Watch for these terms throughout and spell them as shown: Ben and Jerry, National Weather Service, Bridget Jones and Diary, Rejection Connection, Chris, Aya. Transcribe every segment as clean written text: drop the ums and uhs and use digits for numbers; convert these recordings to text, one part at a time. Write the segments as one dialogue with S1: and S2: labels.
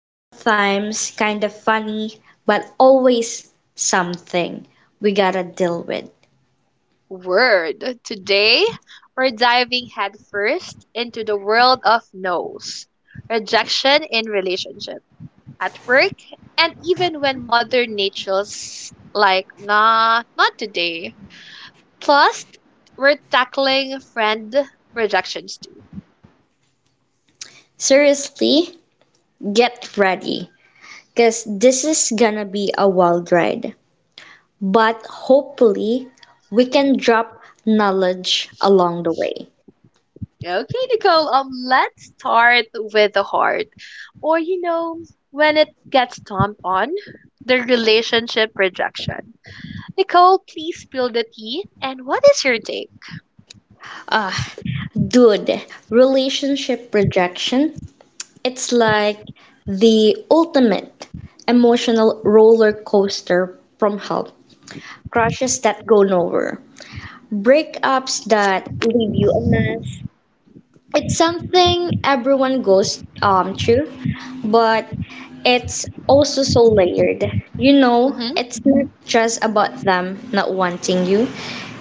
S1: sometimes kind of funny, but always something we gotta deal with.
S2: Word. Today, we're diving headfirst into the world of no's, rejection in relationships. At work, and even when Mother Nature's like, nah, not today. Plus, we're tackling friend rejections too.
S1: Seriously, get ready, because this is gonna be a wild ride. But hopefully, we can drop knowledge along the way.
S2: Okay, Nicole, let's start with the heart. Or when it gets stomped on, the relationship rejection. Nicole, please spill the tea. And what is your take?
S1: Ah, dude, relationship rejection, it's like the ultimate emotional roller coaster from help, crushes that go nowhere, breakups that leave you a mess. It's something everyone goes through, but it's also so layered. You know,
S2: Mm-hmm.
S1: it's not just about them not wanting you.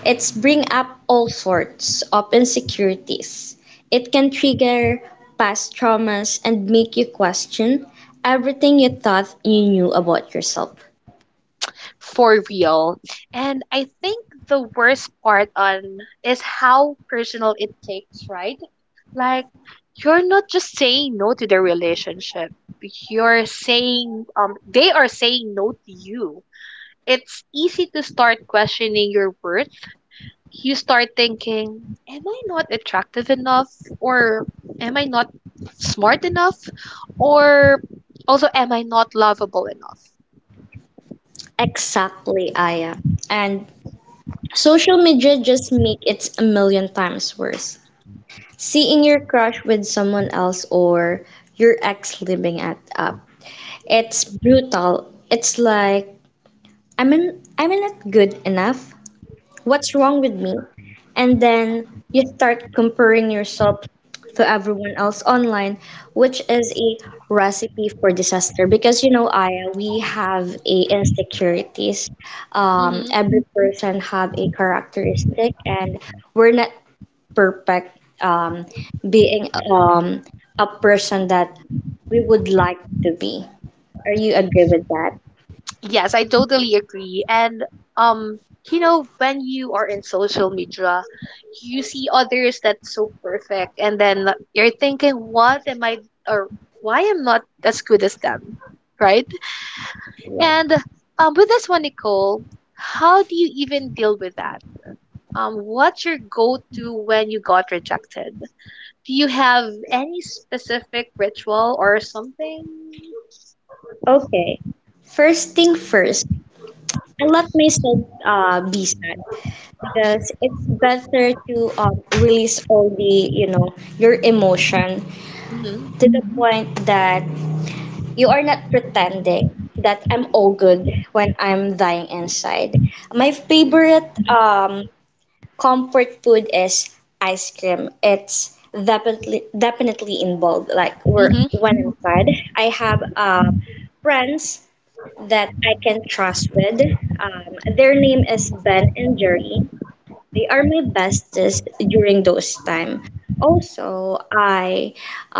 S1: It's bring up all sorts of insecurities. It can trigger past traumas and make you question everything you thought you knew about yourself.
S2: For real. And I think the worst part on is how personal it takes, right? Like you're not just saying no to the relationship. You're saying they are saying no to you. It's easy to start questioning your worth. You start thinking, am I not attractive enough or am I not smart enough or also am I not lovable enough?
S1: Exactly, Aya. And social media just make it a million times worse. Seeing your crush with someone else or your ex living it up, it's brutal. It's like I'm in, I'm not good enough. What's wrong with me? And then you start comparing yourself to everyone else online, which is a recipe for disaster. Because you know, Aya, we have a insecurities.
S2: Mm-hmm.
S1: Every person have a characteristic, and we're not perfect. Being a person that we would like to be. Are you agree with that?
S2: Yes, I totally agree. And um, when you are in social media, you see others that's so perfect, and then you're thinking, "What am I? Or why am not as good as them?" Right? And with this one, Nicole, how do you even deal with that? What's your go-to when you got rejected? Do you have any specific ritual or something?
S1: Okay. First thing first, I let myself be sad because it's better to release all the, you know, your emotion
S2: Mm-hmm.
S1: to the point that you are not pretending that I'm all good when I'm dying inside. My favorite comfort food is ice cream. It's definitely involved. Like we're
S2: Mm-hmm.
S1: when I'm sad, I have friends that I can trust with. Their name is Ben and Jerry. They are my bestest during those time. Also, I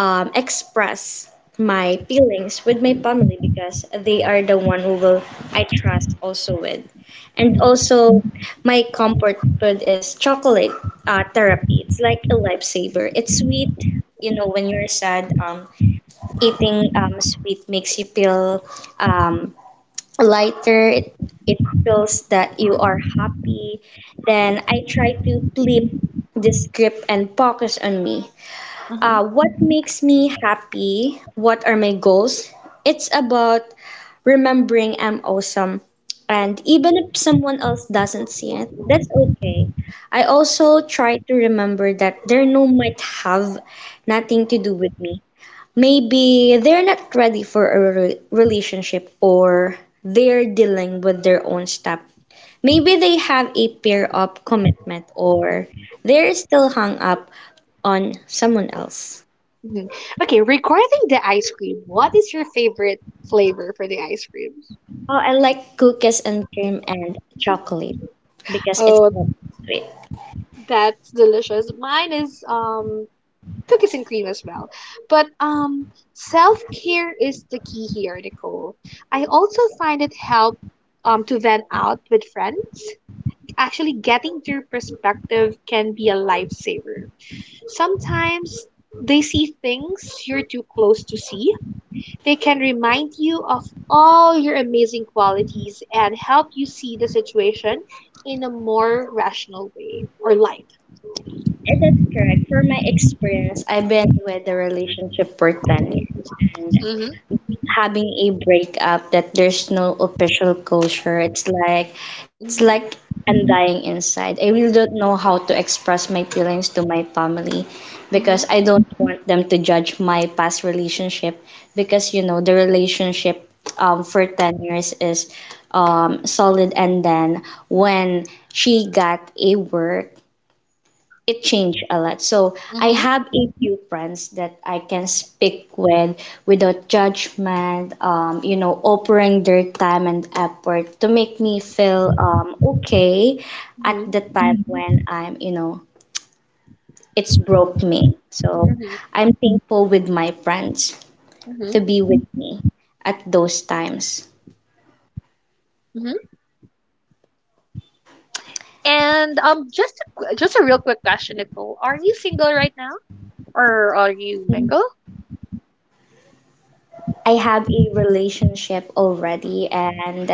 S1: express my feelings with my family because they are the one who will I trust also with. And
S2: Mm-hmm.
S1: also, my comfort food is chocolate therapy. It's like a lifesaver. It's sweet. You know, when you're sad, eating sweet makes you feel um, lighter, it feels that you are happy. Then I try to flip the script and focus on me.
S2: Mm-hmm.
S1: Uh, what makes me happy? What are my goals? It's about remembering I'm awesome. And even if someone else doesn't see it, that's okay. I also try to remember that their no might have nothing to do with me. Maybe they're not ready for a relationship, or they're dealing with their own stuff. Maybe they have a pair up commitment, or they're still hung up on someone else.
S2: Mhm. Okay, regarding the ice cream, what is your favorite flavor for the ice cream?
S1: Oh, I like cookies and cream and chocolate because it's
S2: Oh,
S1: not sweet.
S2: that's delicious. Mine is cookies and cream as well. But self-care is the key here, Nicole. I also find it help to vent out with friends. Actually getting their perspective can be a lifesaver. Sometimes they see things you're too close to see. They can remind you of all your amazing qualities and help you see the situation in a more rational way or light.
S1: And that's correct. For my experience, I've been with a relationship for 10 years. And
S2: Mm-hmm.
S1: having a breakup that there's no official closure. It's like I'm dying inside. I really don't know how to express my feelings to my family because
S2: Hmm.
S1: I don't want them to judge my past relationship, because you know the relationship for 10 years is solid, and then when she got a work, it changed a lot. So I
S2: Mhm,
S1: have a few friends that I can speak with without judgment, you know, offering their time and effort to make me feel okay at the
S2: mhm,
S1: time when I'm, you know, it's broke me.
S2: mhm,
S1: So
S2: mhm.
S1: I'm thankful with my friends to
S2: Mhm.
S1: be with me at those times.
S2: Mhm. And just a, just a real quick question, Nicole. Are you single right now, or are you mingle?
S1: I have a relationship already, and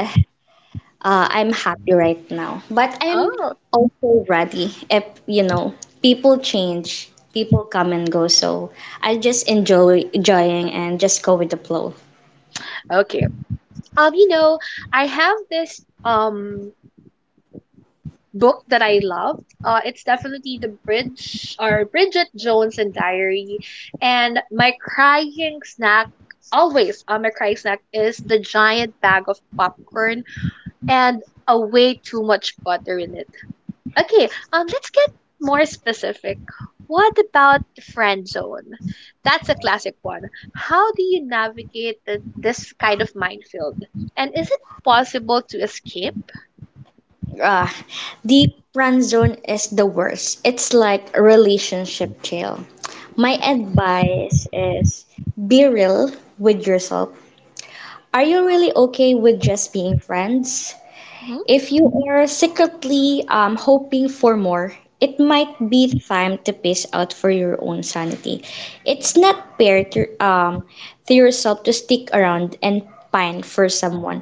S1: uh, I'm happy right now, but I'm
S2: Oh,
S1: also ready if, you know, people change, people come and go. So I just enjoying and just go with the flow.
S2: okay. Um, you know, I have this book that I love. It's definitely the Bridge or Bridget Jones and Diary. And my crying snack, always my crying snack is the giant bag of popcorn and a way too much butter in it. Okay, let's get more specific. What about the friend zone? That's a classic one. How do you navigate this kind of minefield? And is it possible to escape?
S1: Uh, deep run zone is the worst. It's like a relationship jail. My advice is be real with yourself. Are you really okay with just being friends?
S2: Hmm.
S1: If you are secretly hoping for more, it might be time to pace out for your own sanity. It's not fair to yourself to stick around and pine for someone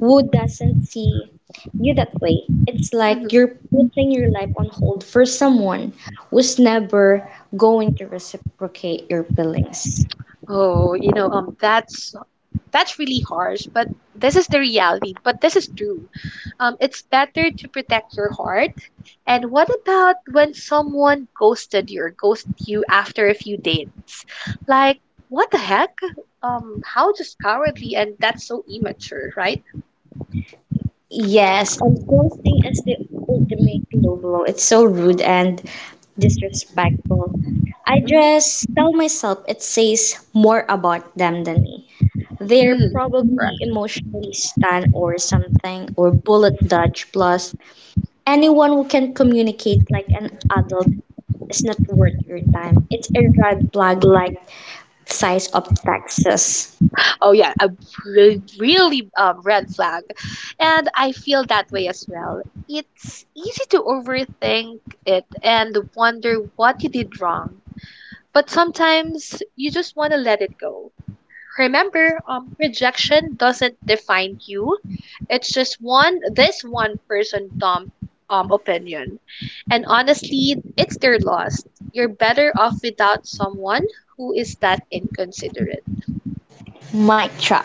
S1: who doesn't see you that way. It's like
S2: Hmm.
S1: you're putting your life on hold for someone who's never going to reciprocate your feelings.
S2: Oh, that's that's really harsh, but this is the reality. But this is true. It's better to protect your heart. And what about when someone ghosted you or ghosted you after a few dates? Like, what the heck? How just cowardly and that's so immature, right?
S1: Yes, and ghosting is the ultimate low blow. It's so rude and disrespectful. I
S2: Hmm.
S1: just tell myself it says more about them than me. They're
S2: Mm,
S1: probably
S2: correct.
S1: emotionally stunned or something, or bullet dodge. Plus, anyone who can communicate like an adult is not worth your time. It's a red flag like size of Texas.
S2: Oh yeah, a really red flag. And I feel that way as well. It's easy to overthink it and wonder what you did wrong. But sometimes you just want to let it go. Remember, rejection doesn't define you. It's just one this one person dumb opinion. And honestly, it's their loss. You're better off without someone who is that inconsiderate.
S1: Mic drop.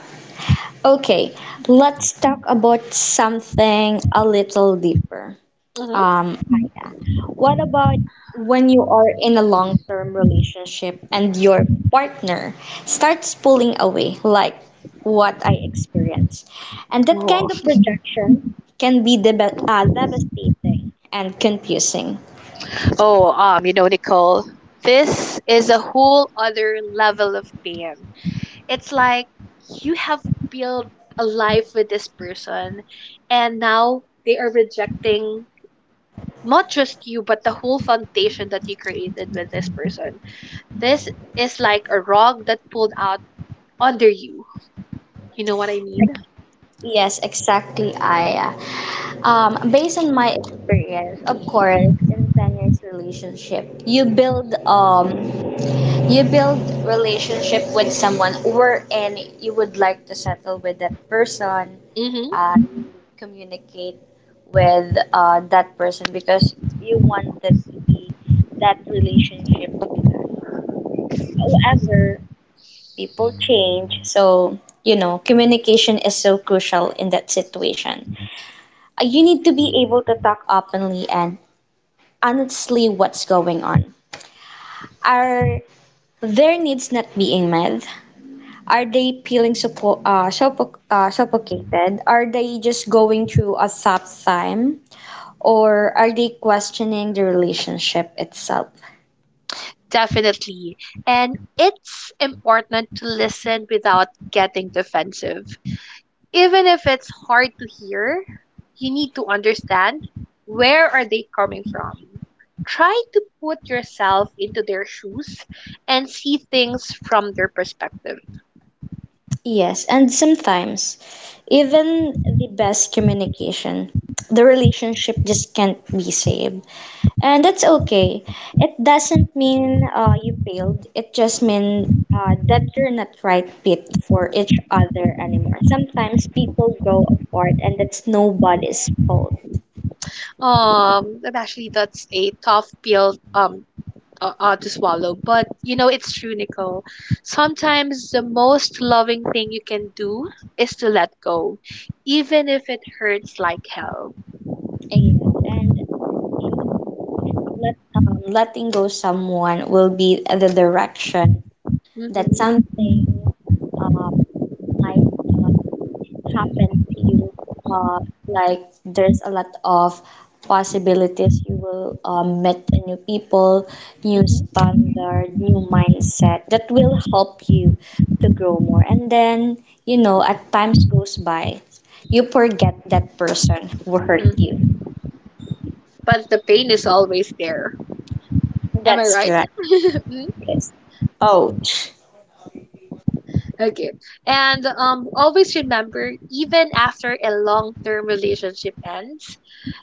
S1: Okay, let's talk about something a little deeper.
S2: Hmm.
S1: Aya, what about when you are in a long-term relationship and your partner starts pulling away, like what I experienced? And that
S2: Oh,
S1: kind of projection can be devastating and confusing.
S2: oh, you know, Nicole, this is a whole other level of pain. It's like you have built a life with this person and now they are rejecting not just you but the whole foundation that you created with this person. This is like a rug that pulled out under you. You know what I mean?
S1: Yes, exactly. Based on my experience, of course, in 10 years relationship, you build relationship with someone, wherein you would like to settle with that person,
S2: Mm-hmm.
S1: uh, communicate with that person because you wanted to be that relationship to be lasting. However, people change, so you know communication is so crucial in that situation. You need to be able to talk openly and honestly what's going on. Are their needs not being met? Are they feeling suffocated? Are they just going through a tough time? Or are they questioning the relationship itself?
S2: Definitely. And it's important to listen without getting defensive. Even if it's hard to hear, you need to understand where are they coming from. Try to put yourself into their shoes and see things from their perspective.
S1: Yes, and sometimes even the best communication, the relationship just can't be saved. And that's okay. It doesn't mean you failed. It just means that you're not right fit for each other anymore. Sometimes people grow apart, and that's nobody's fault.
S2: And actually, that's a tough pill to swallow, but you know it's true, Nicole. Sometimes the most loving thing you can do is to let go, even if it hurts like hell.
S1: And you know, letting go someone will be the direction that
S2: Hmm.
S1: something um, might. uh, happen to you. Uh, like there's a lot of possibilities. You will meet new people, new
S2: Hmm.
S1: standard, new mindset that will help you to grow more. And then, you know, at times goes by, you forget that person who hurt you.
S2: Hmm. But the pain is always there. Am I
S1: That's
S2: right?
S1: correct,
S2: Mm,
S1: Chris. Ouch.
S2: okay. And always remember, even after a long-term relationship ends,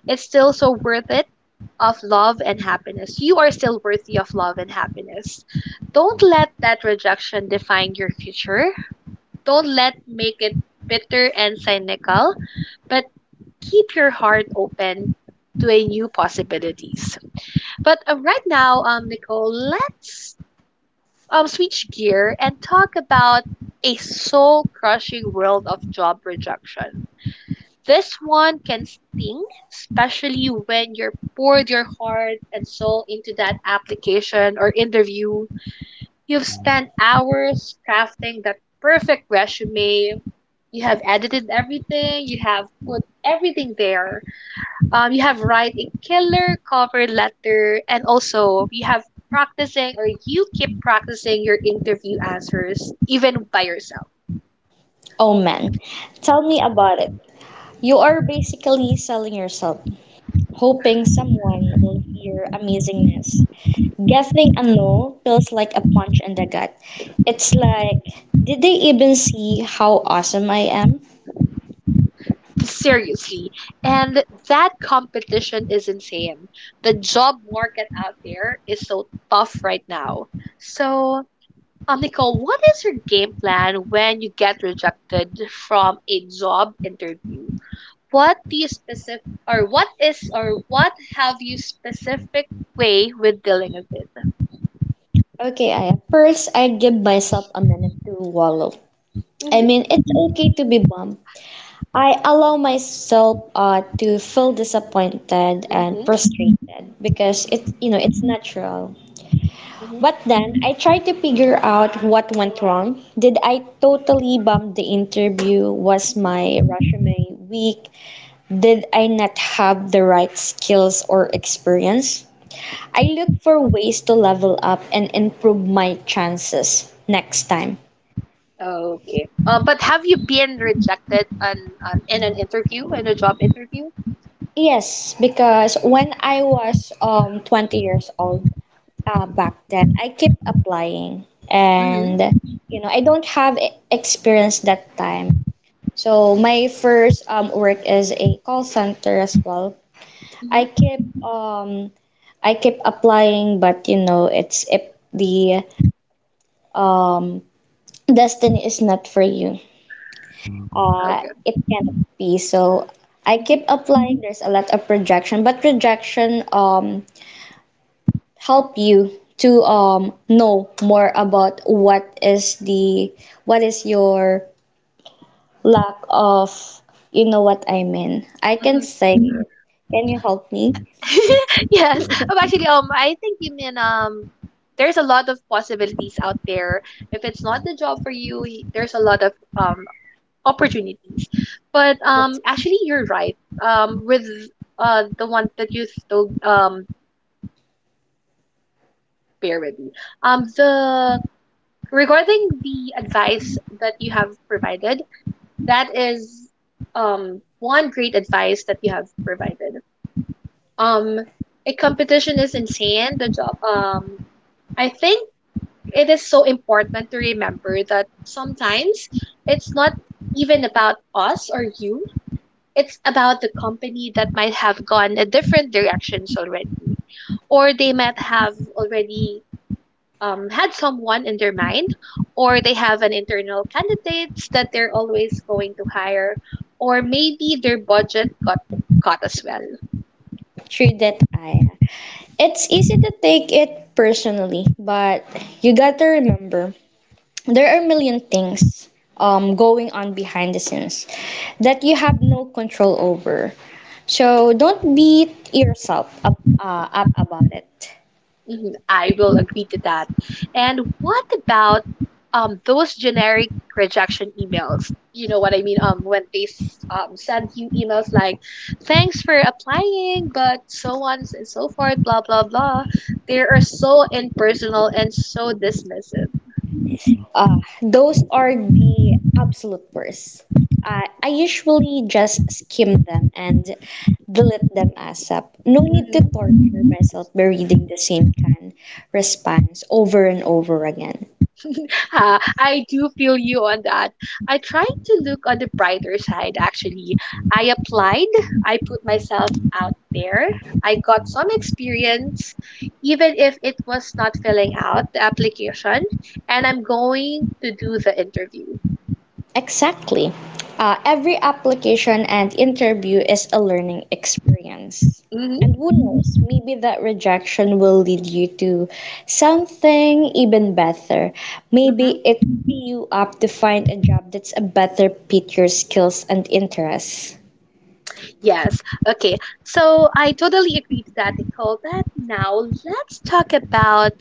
S2: it's still so worth it of love and happiness. You are still worthy of love and happiness. Don't let that rejection define your future. Don't let make it bitter and cynical, but keep your heart open to a new possibilities. But right now, Nicole, let's switch gear and talk about a soul crushing world of job rejection. This one can sting, especially when you're poured your heart and soul into that application or interview. You've spent hours crafting that perfect resume. You have edited everything, you have put everything there you have write a killer cover letter, and also you have practicing or you keep practicing your interview answers even by yourself.
S1: Oh man. Tell me about it. You are basically selling yourself, hoping someone will hear amazingness. Guessing a no feels like a punch in the gut. It's like, did they even see how awesome I am?
S2: Seriously. And that competition is insane. The job market out there is so tough right now. So, Nicole, what is your game plan when you get rejected from a job interview? What do you specific or what is or what have you specific way with dealing with it?
S1: Okay, I give myself a minute to wallow. I
S2: Mm-hmm.
S1: mean, it's okay to be bummed. I allow myself to feel disappointed and
S2: Mm-hmm.
S1: frustrated because it's
S2: Mm-hmm.
S1: you know it's natural. But then I try to figure out what went wrong. Did I totally bump the interview? Was
S2: Mm-hmm.
S1: my resume weak? Did I not have the right skills or experience? I look for ways to level up and improve my chances next time.
S2: Okay. But have you been rejected on in an interview, in a job interview?
S1: Yes, because when I was 20 years old, back then, I kept applying,
S2: Hmm.
S1: and you know, I don't have experience that time. So my first work is a call center as well. I
S2: Mm-hmm.
S1: keep um I keep applying, but you know, it's if the um, destiny is not for you.
S2: Okay.
S1: It cannot be. So I
S2: Mm-hmm.
S1: keep applying. There's a lot of projection, but projection help you to know more about what is the what is your lack of, you know what I mean. I can
S2: Mhm.
S1: say it. Can you help me?
S2: Yes. I think you mean there's a lot of possibilities out there. If it's not the job for you, there's a lot of opportunities. But
S1: That's
S2: you're right. With the one that you told bear with me. The regarding the advice that you have provided, that is one great advice that you have provided. Um, a competition is insane. The job. I think it is so important to remember that sometimes it's not even about us or you. It's about the company that might have gone a different directions already, or they might have already had someone in their mind, or they have an internal candidates that they're always going to hire, or maybe their budget got cut as well.
S1: true that I. It's easy to take it personally, but you got to remember there are a million things going on behind the scenes that you have no control over. So don't beat yourself up about it.
S2: Mhm, I will agree to that. And what about those generic rejection emails? You know what I mean? When they send you emails like, "Thanks for applying," but so on and so forth, blah blah blah. They are so impersonal and so dismissive.
S1: Those are the absolute worst. I usually just skim them and delete them ASAP. No need to
S2: Mm-hmm.
S1: torture myself by reading the same kind response over and over again.
S2: Ha, I do feel you on that. I tried to look on the brighter side, actually. I applied, I put myself out there, I got some experience, even if it was not filling out the application, and I'm going to do the interview.
S1: Exactly. Every application and interview is a learning experience.
S2: Hmm.
S1: And who knows, maybe that rejection will lead you to something even better. Maybe
S2: Hmm.
S1: it will be you up to find a job that's a better fit your skills and interests.
S2: Yes. Okay. So I totally agree to that, Nicole. But now let's talk about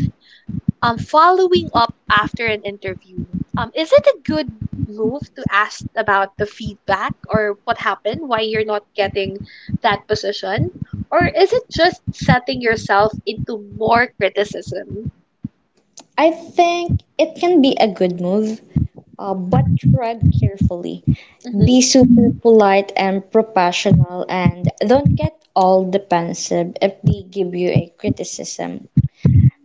S2: following up after an interview. Is it a good move to ask about the feedback or what happened, why you're not getting that position? Or is it just setting yourself into more criticism?
S1: I think it can be a good move, but tread carefully.
S2: Mhm.
S1: Be super polite and professional, and don't get all defensive if they give you a criticism.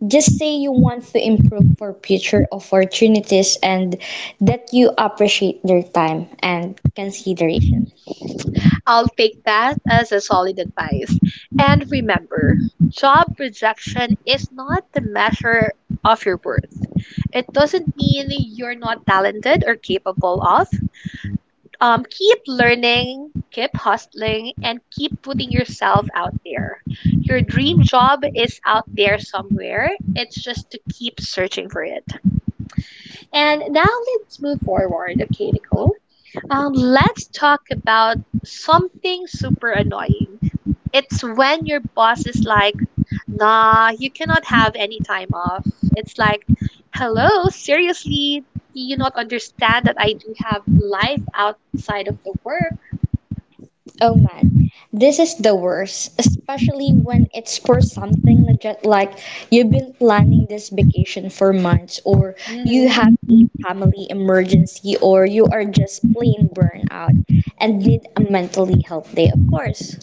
S1: Just say you want to improve for future opportunities and that you appreciate their time and consideration.
S2: I'll take that as a solid advice. And remember, job rejection is not the measure of your worth. It doesn't mean you're not talented or capable of. Keep learning, keep hustling, and keep putting yourself out there. Your dream job is out there somewhere. It's just to keep searching for it. And now let's move forward, okay, Nicole? Let's talk about something super annoying. It's when your boss is like, nah, you cannot have any time off. It's like, hello, seriously, do you not understand that I do have life outside of the work?
S1: Oh man, this is the worst, especially when it's for something legit like you've been planning this vacation for months, or you
S2: Hmm.
S1: have a family emergency, or you are just plain burnout and need a mentally health day, of course.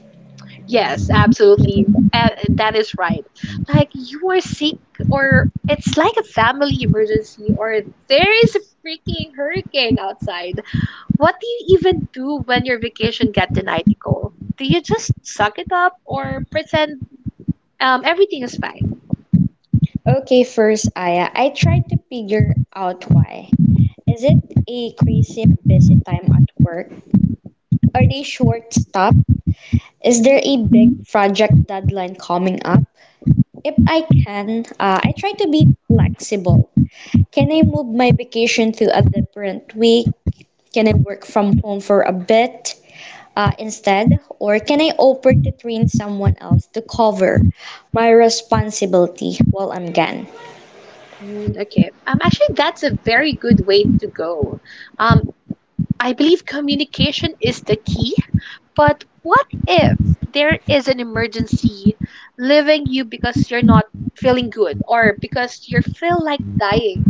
S2: Yes, absolutely. That is right. Like you are sick, or it's like a family emergency, or there is a freaking hurricane outside. What do you even do when your vacation got denied, Nicole? Do you just suck it up or pretend everything is fine?
S1: Okay, first, Aya, I tried to figure out why. Is it a crazy busy time at work? Are they short staffed? Is
S2: Mm-hmm.
S1: there a big project deadline coming up? If I can, I try to be flexible. Can I move my vacation to a different week? Can I work from home for a bit instead? Or can I offer to train someone else to cover my responsibility while I'm gone?
S2: Mm, okay. That's a very good way to go. Um, I believe communication is the key. But what if there is an emergency leaving you because you're not feeling good or because you feel like dying?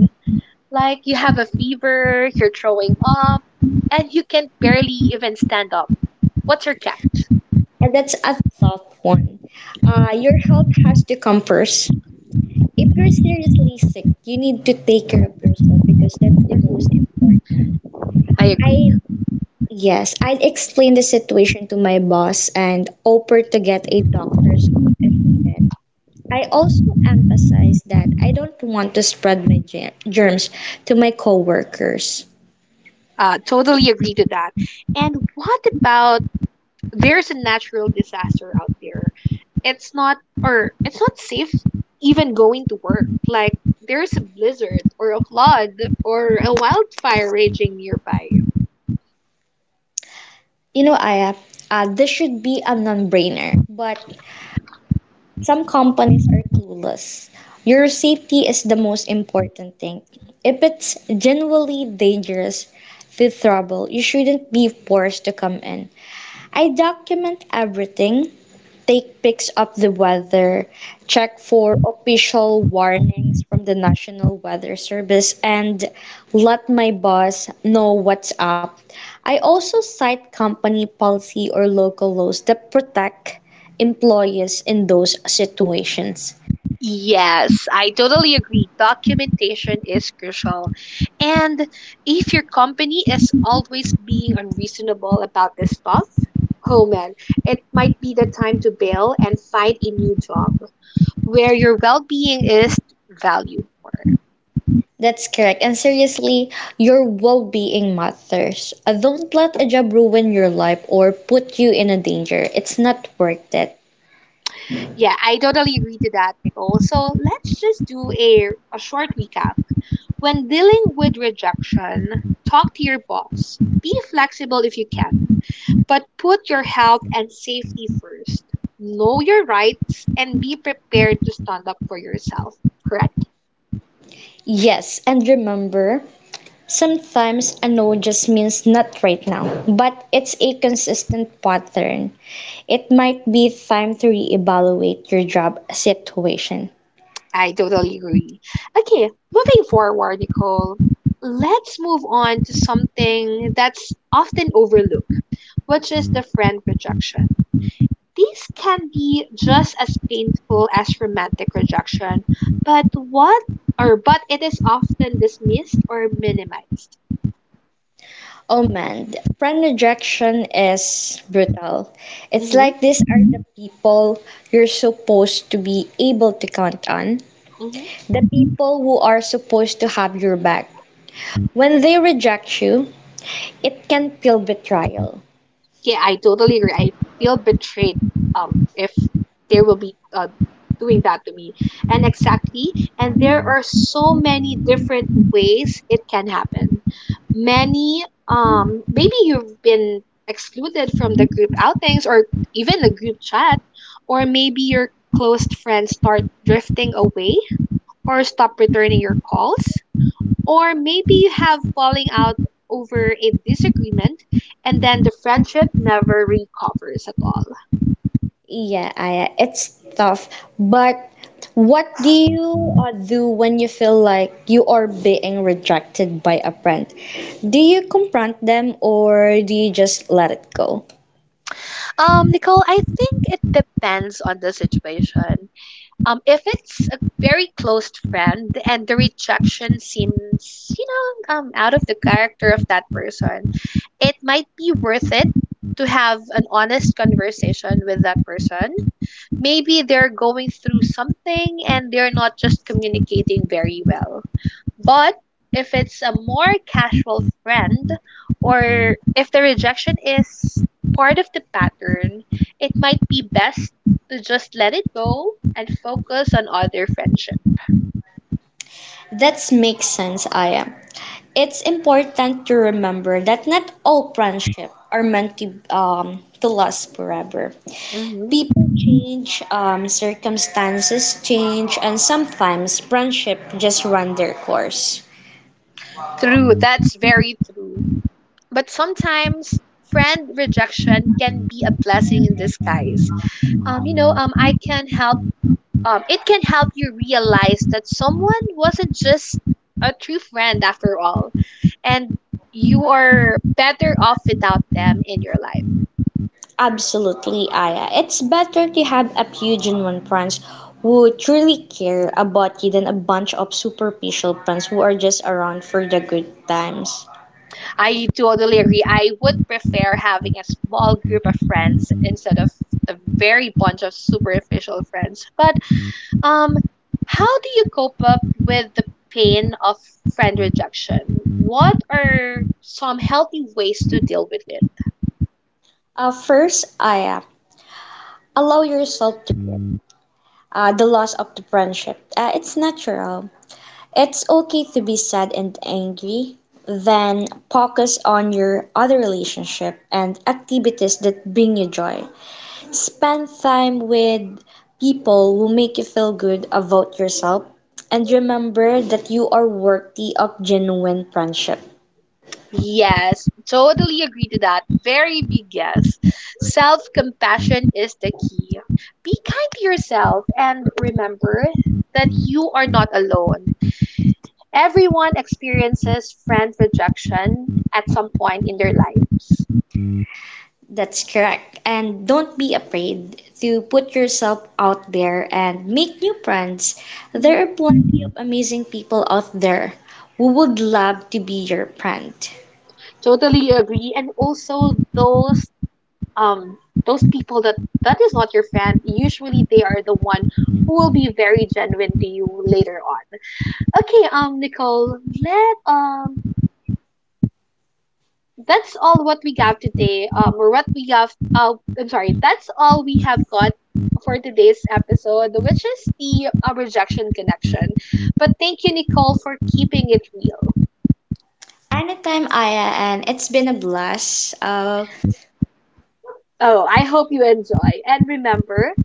S2: Like you have a fever, you're throwing up, and you can barely even stand up. What's your catch?
S1: And that's a tough one. Your health has to come first. If you're seriously sick, you need to take care of yourself because that's the most
S2: Hmm.
S1: important.
S2: I
S1: I
S2: agree.
S1: Yes, I'd explain the situation to my boss and offer to get a doctor's note if needed. I also emphasize that I don't want to spread my germs to my coworkers.
S2: Totally agree to that. And what about there's a natural disaster out there, it's not or it's not safe even going to work, like there's a blizzard or a flood or a wildfire raging nearby?
S1: You know, Aya, this should be a non-brainer, but some companies are clueless. Your safety is the most important thing. If it's genuinely dangerous, with trouble, you shouldn't be forced to come in. I document everything, take pics of the weather, check for official warnings from the National Weather Service, and let my boss know what's up. I also cite company policy or local laws that protect employees in those situations.
S2: Yes, I totally agree. Documentation is crucial. And if your company is always being unreasonable about this stuff, oh man, it might be the time to bail and find a new job where your well being is valued.
S1: That's correct. And seriously, your well being matters. Don't let a job ruin your life or put you in a danger. It's not worth it.
S2: Yeah, I totally agree to that, Nicole. So let's just do a short recap. When dealing with rejection, talk to your boss. Be flexible if you can, but put your health and safety first. Know your rights and be prepared to stand up for yourself. Correct?
S1: Yes, and remember, sometimes a no just means not right now, but it's a consistent pattern. It might be time to reevaluate your job situation.
S2: I totally agree. Okay, moving forward, Nicole, let's move on to something that's often overlooked, which is the friend rejection. These can be just as painful as romantic rejection, but what or but it is often dismissed or minimized.
S1: Oh man, friend rejection is brutal. It's
S2: Mhm,
S1: like these are the people you're supposed to be able to count on,
S2: mhm.
S1: the people who are supposed to have your back. When they reject you, it can feel betrayal.
S2: Yeah, I totally agree. I feel betrayed if they will be doing that to me. And exactly, and there are so many different ways it can happen. Many maybe you've been excluded from the group outings or even the group chat, or maybe your close friends start drifting away or stop returning your calls, or maybe you have falling out over a disagreement and then the friendship never recovers at all.
S1: Yeah, I, it's tough. But what do you do when you feel like you are being rejected by a friend? Do you confront them or do you just let it go?
S2: Nicole, I think it depends on the situation. If it's a very close friend and the rejection seems, out of the character of that person, it might be worth it to have an honest conversation with that person. Maybe they're going through something and they're not just communicating very well. But if it's a more casual friend, or if the rejection is part of the pattern, it might be best to just let it go and focus on other friendship.
S1: That makes sense, Aya. It's important to remember that not all friendship are meant to last forever.
S2: Hmm.
S1: People change, circumstances change, and sometimes friendship just run their course.
S2: True, that's very true. But sometimes friend rejection can be a blessing in disguise. I can help it can help you realize that someone wasn't just a true friend after all, and you are better off without them in your life.
S1: Absolutely, Aya. It's better to have a few genuine friends who truly care about you than a bunch of superficial friends who are just around for the good times.
S2: I totally agree. I would prefer having a small group of friends instead of a very bunch of superficial friends. But um, how do you cope up with the pain of friend rejection? What are some healthy ways to deal with it?
S1: First, Aya, allow yourself to the loss of the friendship. It's natural. It's okay to be sad and angry. Then focus on your other relationship and activities that bring you joy. Spend time with people who make you feel good about yourself, and remember that you are worthy of genuine friendship.
S2: Yes, totally agree to that. Very big yes. Self compassion is the key. Be kind to yourself and remember that you are not alone. Everyone experiences friend rejection at some point in their lives.
S1: That's correct. And don't be afraid to put yourself out there and make new friends.
S2: Mhm.
S1: There are plenty of amazing people out there who would love to be your friend.
S2: Totally agree. And also um those people that is not your friend, usually they are the one who will be very genuine to you later on. Okay, Nicole, let that's all what we have today. Or what we have. I'm sorry. That's all we have got for today's episode, which is the rejection connection. But thank you, Nicole, for keeping it real.
S1: Anytime, Aya, and it's been a blast.
S2: Oh, I hope you enjoy. And remember,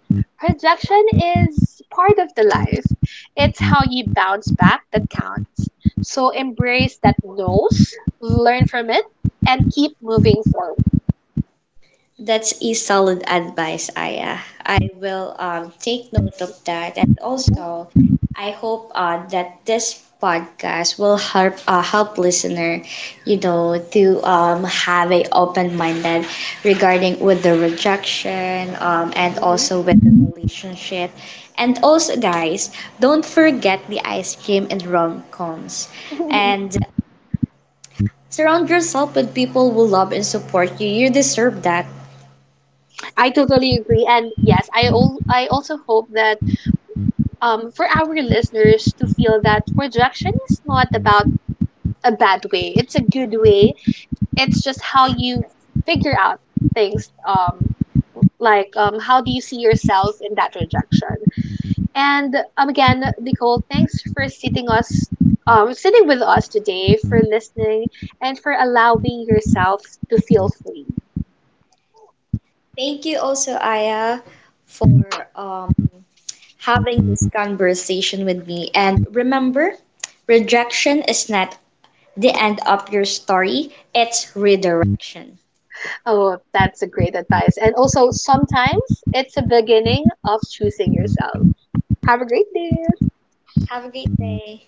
S2: rejection is part of the life. It's how you bounce back that counts. So embrace that nose, learn from it, and keep moving forward.
S1: That's a solid advice, Aya. I will take note of that, and
S2: Mhm,
S1: also I hope that this podcast will help help listener, you know, to have a open minded regarding with the rejection and also with the relationship, and also guys, don't forget the ice cream and rom coms,
S2: mhm.
S1: and surround yourself with people who love and support you. You deserve that.
S2: I totally agree, and yes, I also hope that for our listeners to feel that rejection is not about a bad way; it's a good way. It's just how you figure out things. How do you see yourself in that rejection? And again, Nicole, thanks for sitting us, sitting with us today, for listening, and for allowing yourself to feel free.
S1: Thank you also, Aya, for having this conversation with me. And remember, rejection is not the end of your story, it's redirection.
S2: Oh, that's a great advice. And also, sometimes it's a beginning of choosing yourself. Have a great day.
S1: Have a great day.